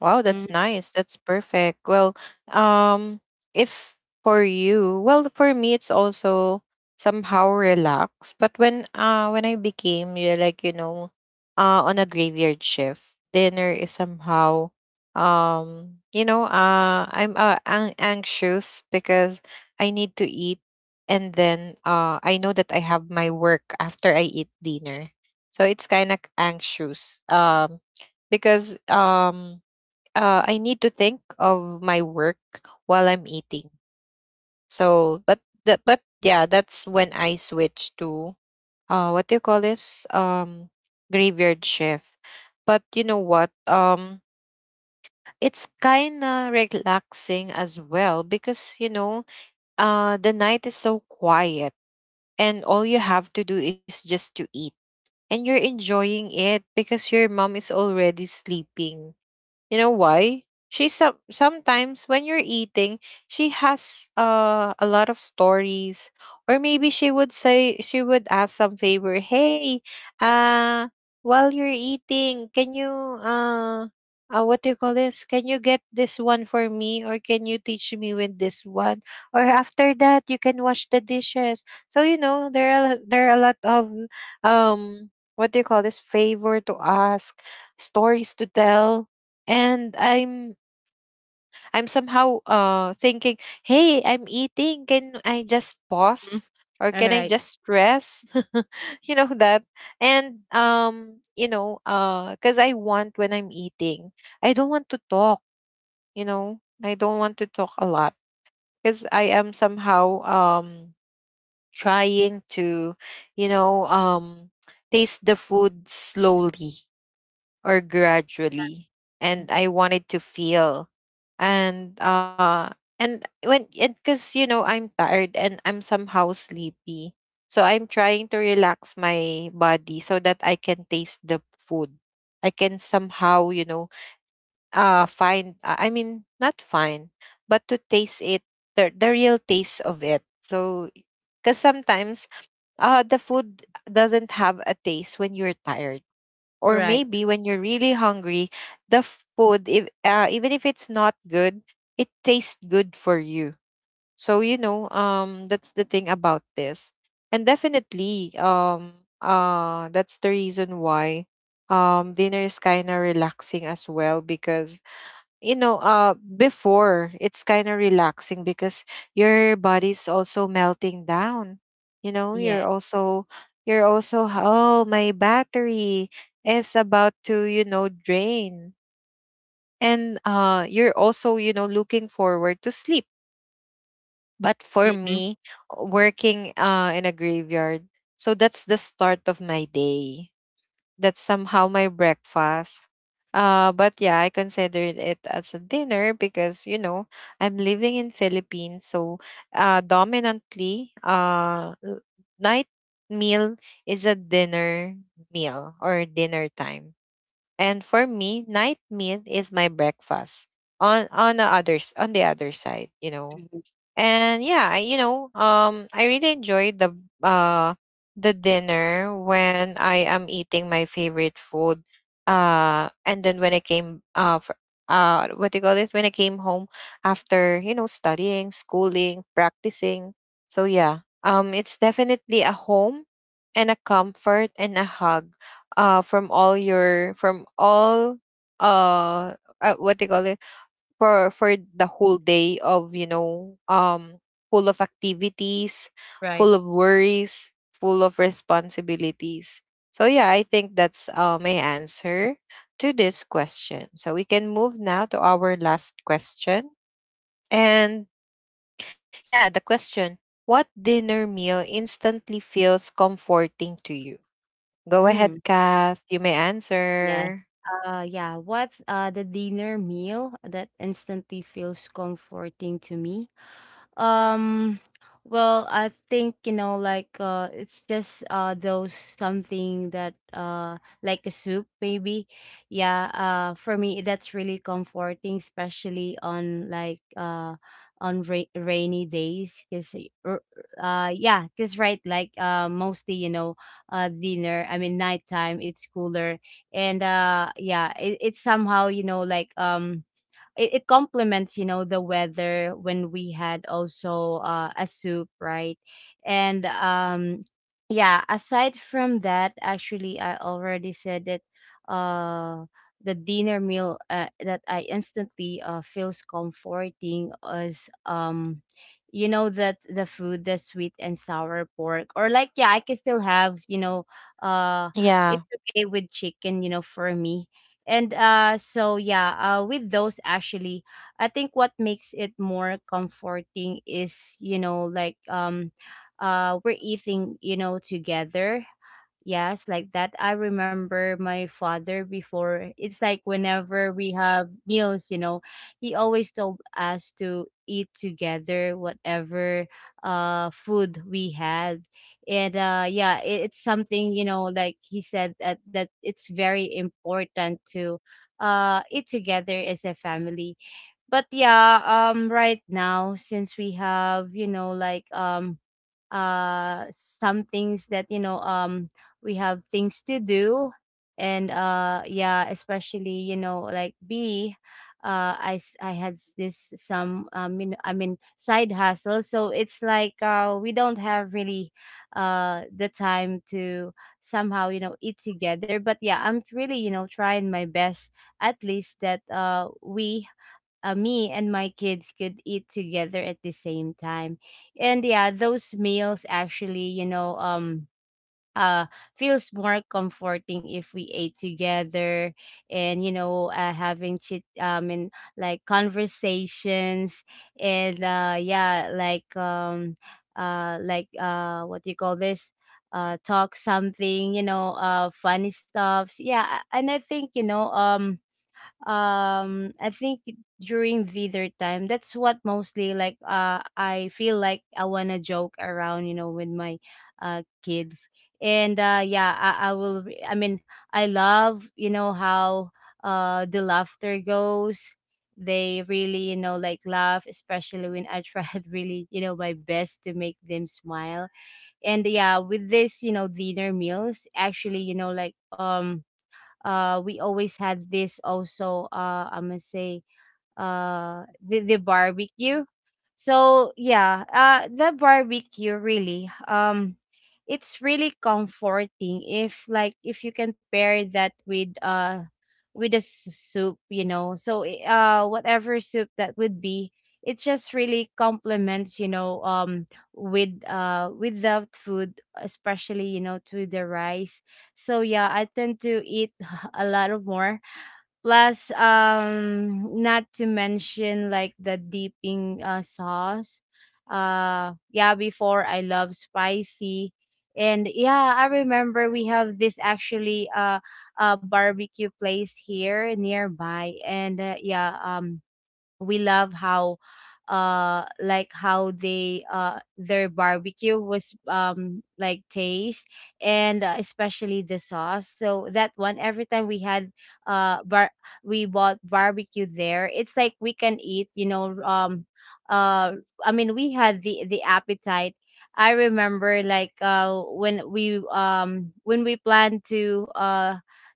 Speaker 1: Wow,
Speaker 2: Mm-hmm.
Speaker 1: that's nice. That's perfect. Well, um, if for you, well, for me, it's also somehow relaxed. But when I became you, like, you know, on a graveyard shift, dinner is somehow you know, anxious because I need to eat, and then I know that I have my work after I eat dinner, so it's kind of anxious. Because I need to think of my work while I'm eating. So, but the but yeah, that's when I switch to, what do you call this? Graveyard shift. But you know what? It's kind of relaxing as well because you know, the night is so quiet, and all you have to do is just to eat, and you're enjoying it because your mom is already sleeping. You know why? She some sometimes when you're eating, she has a lot of stories, or maybe she would say she would ask some favor. Hey, uh, while you're eating, can you uh, what do you call this? Can you get this one for me, or can you teach me with this one? Or after that, you can wash the dishes. So you know there are a lot of what do you call this, favor to ask, stories to tell. And I'm somehow thinking, hey, I'm eating, can I just pause or
Speaker 2: All
Speaker 1: can I
Speaker 2: right.
Speaker 1: just rest? You know that. And you know, because I want when I'm eating, I don't want to talk, you know, I don't want to talk a lot because I am somehow trying to, you know, taste the food slowly or gradually, and
Speaker 2: Mm-hmm.
Speaker 1: I wanted to feel. And and when and because you know, I'm tired and I'm somehow sleepy, so I'm trying to relax my body so that I can taste the food. I can somehow, you know, find I mean not find, but to taste it, the real taste of it. So because sometimes the food doesn't have a taste when you're tired, or
Speaker 2: Right.
Speaker 1: maybe when you're really hungry, the food, if, even if it's not good, it tastes good for you. So, you know, that's the thing about this. And definitely, that's the reason why dinner is kind of relaxing as well because you know, before it's kind of relaxing because your body's also melting down. You know,
Speaker 2: Yeah.
Speaker 1: you're also, oh, my battery is about to, you know, drain. And you're also, you know, looking forward to sleep. But for
Speaker 2: Mm.
Speaker 1: me, working in a graveyard, so that's the start of my day. That's somehow my breakfast. But yeah, I considered it as a dinner because you know I'm living in Philippines, so dominantly, night meal is a dinner meal or dinner time, and for me, night meal is my breakfast. On the other side, you know.
Speaker 2: Mm-hmm.
Speaker 1: And yeah, I, you know, I really enjoyed uh the dinner when I am eating my favorite food. And then when I came what do you call this? When I came home after, you know, studying, schooling, practicing. So yeah, it's definitely a home and a comfort and a hug. From all uh, what do you call it? For the whole day of, you know, full of activities,
Speaker 2: Right.
Speaker 1: full of worries, full of responsibilities. So yeah, I think that's my answer to this question. So we can move now to our last question. And yeah, the question: what dinner meal instantly feels comforting to you? Go ahead,
Speaker 2: Mm.
Speaker 1: Kath, you may
Speaker 2: Yeah.
Speaker 1: answer.
Speaker 2: Yeah, what, the dinner meal that instantly feels comforting to me. Um, well, I think, you know, like it's just those something that like a soup maybe. Yeah, for me that's really comforting, especially on like on rainy days, because yeah, because, right, like mostly, you know, dinner, I mean, nighttime, it's cooler. And yeah, it's somehow, you know, like it complements, you know, the weather when we had also, a soup, right? And yeah, aside from that, actually, I already said that uh the dinner meal, that I instantly, feels comforting is, you know, that the food, the sweet and sour pork, or like, yeah, I can still have, you know, uh
Speaker 1: Yeah.
Speaker 2: it's okay with chicken, you know, for me. And so yeah, with those actually, I think what makes it more comforting is, you know, like we're eating, you know, together. Yes, like that. I remember my father before. It's like whenever we have meals, you know, he always told us to eat together whatever food we had. And yeah, it's something, you know, like he said that it's very important to eat together as a family. But yeah, right now, since we have, you know, like some things that we have things to do. And yeah, especially, you know, like I had this some, you know, I mean, side hustle, so it's like we don't have really the time to somehow, you know, eat together. But yeah, I'm really, you know, trying my best at least that we, me and my kids, could eat together at the same time. And yeah, those meals actually, you know, uh feels more comforting if we ate together, and you know, having chit and like conversations. And yeah, like like, what do you call this, talk something, you know, funny stuffs, yeah. And I think, you know, I think during the third time, that's what mostly, like, I feel like I want to joke around, you know, with my kids. And yeah, I will re- I mean, I love, you know, how the laughter goes. They really, you know, like laugh, especially when I tried really, you know, my best to make them smile. And yeah, with this, you know, dinner meals actually, you know, like we always had this also, I must say, the barbecue. So yeah, the barbecue really, it's really comforting if like, if you can pair that with a soup, you know, so whatever soup that would be, it just really complements, you know, with the food, especially, you know, to the rice. So yeah, I tend to eat a lot of more. Plus, not to mention like the dipping, sauce. Yeah, before I love spicy. And yeah, I remember we have this actually, barbecue place here nearby. And yeah, we love how, like how they, their barbecue was, like taste. And, especially the sauce, so that one every time we had, bar we bought barbecue there, it's like we can eat, you know, uh I mean, we had the appetite. I remember like when we planned to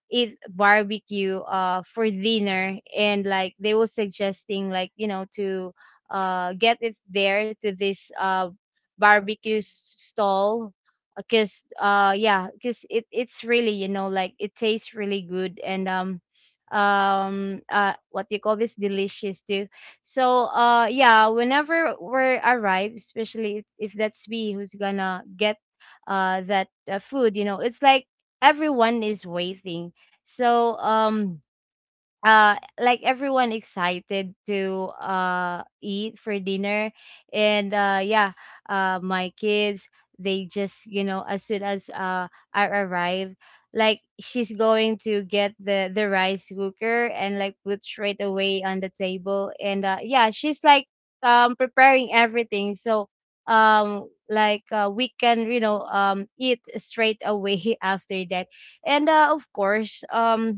Speaker 2: eat barbecue for dinner, and like they were suggesting like, you know, to get it there to this barbecue stall, because yeah, because it, it's really, you know, like it tastes really good, and what you call this, delicious too. So yeah, whenever we're arrived, especially if that's me who's gonna get that, food, you know, it's like everyone is waiting. So like everyone excited to eat for dinner. And yeah, my kids, they just, you know, as soon as I arrive, like, she's going to get the rice cooker and like put straight away on the table. And yeah, she's like preparing everything. So like, we can, you know, eat straight away after that. And, of course, um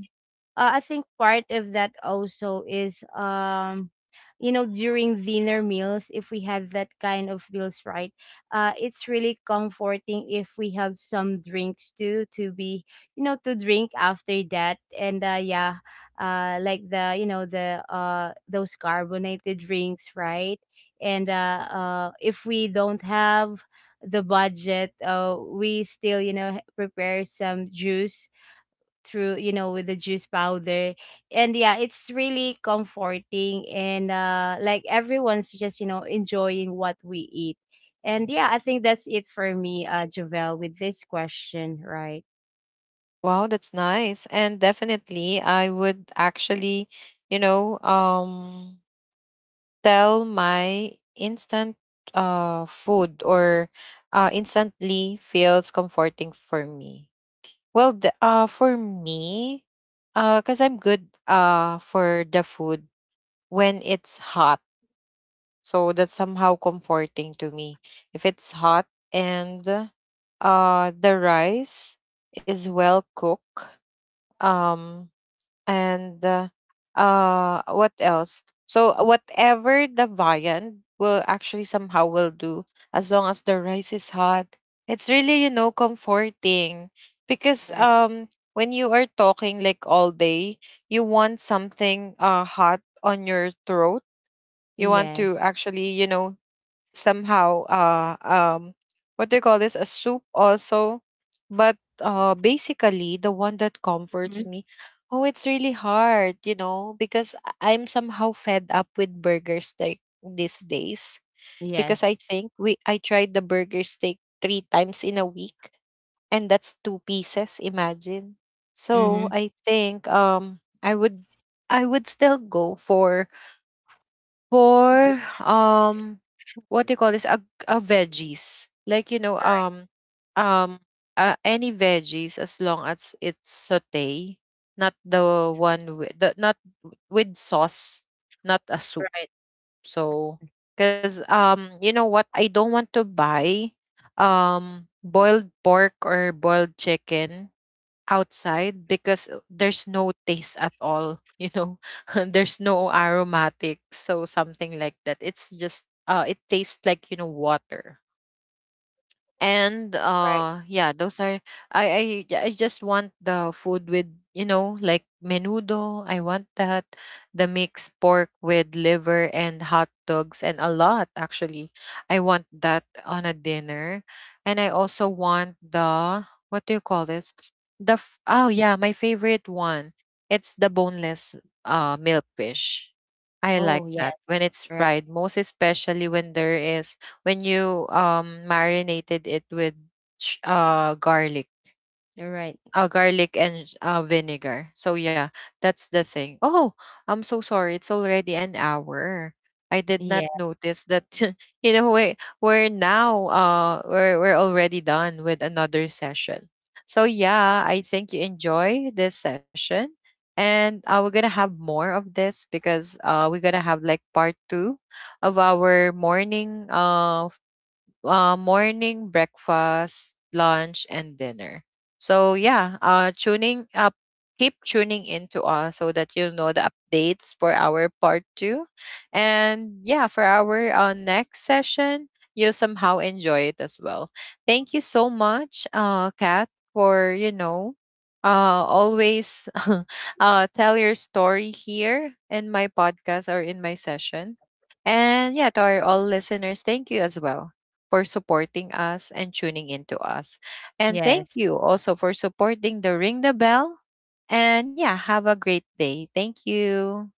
Speaker 2: uh, I think part of that also is, you know, during dinner meals, if we had that kind of meals, right, it's really comforting if we have some drinks too to be, you know, to drink after that. And yeah, like the, you know, the those carbonated drinks, right? And if we don't have the budget, we still, you know, prepare some juice through, you know, with the juice powder. And yeah, it's really comforting, and like everyone's just, you know, enjoying what we eat. And yeah, I think that's it for me, Javel, with this question, right?
Speaker 1: Wow, that's nice. And definitely I would actually, you know, tell my instant food or instantly feels comforting for me. Well, for me, cuz I'm good for the food when it's hot. So that's somehow comforting to me. If it's hot and the rice is well cooked, um and what else, so whatever the viand will actually somehow will do, as long as the rice is hot, it's really, you know, comforting, because
Speaker 2: Right.
Speaker 1: when you are talking like all day, you want something hot on your throat. You want
Speaker 2: Yes.
Speaker 1: to actually, you know, somehow what do you call this, a soup also. But basically the one that comforts
Speaker 2: Hmm.
Speaker 1: me, oh, it's really hard, you know, because I'm somehow fed up with burger steak these days, because
Speaker 2: Yes.
Speaker 1: I think we I tried the burger steak 3 times in a week, and that's 2 pieces, imagine.
Speaker 2: Mm-hmm.
Speaker 1: So I think I would, I would still go for um what do you call this, a veggies, like, you know,
Speaker 2: Right.
Speaker 1: um any veggies, as long as it's saute, not the one with the, not with sauce, not a soup.
Speaker 2: Right.
Speaker 1: So because you know what, I don't want to buy boiled pork or boiled chicken outside because there's no taste at all, you know. There's no aromatic, so something like that. It's just it tastes like, you know, water. And
Speaker 2: Right.
Speaker 1: yeah, those are, I just want the food with, you know, like menudo, I want that, the mixed pork with liver and hot dogs and a lot, actually. I want that on a dinner. And I also want the, what do you call this, oh yeah, my favorite one, it's the boneless milk fish. I
Speaker 2: Oh
Speaker 1: like
Speaker 2: yes.
Speaker 1: that when it's
Speaker 2: Right.
Speaker 1: fried, most especially when there is, when you marinated it with garlic,
Speaker 2: Right.
Speaker 1: garlic and vinegar. So yeah, that's the thing. Oh, I'm so sorry, it's already an hour, I did not
Speaker 2: Yeah.
Speaker 1: notice that. You know, we're now we're already done with another session. So yeah, I think you enjoy this session. And we're gonna have more of this because we're gonna have like part 2 of our morning morning breakfast, lunch, and dinner. So yeah, tuning up, keep tuning into us so that you know the updates for our part 2. And yeah, for our next session, you somehow enjoy it as well. Thank you so much, Kat, for, you know. Always tell your story here in my podcast or in my session. And yeah, to our all listeners, thank you as well for supporting us and tuning into us. And thank
Speaker 2: Yes.
Speaker 1: you also for supporting the Ring the Bell. And yeah, have a great day. Thank you.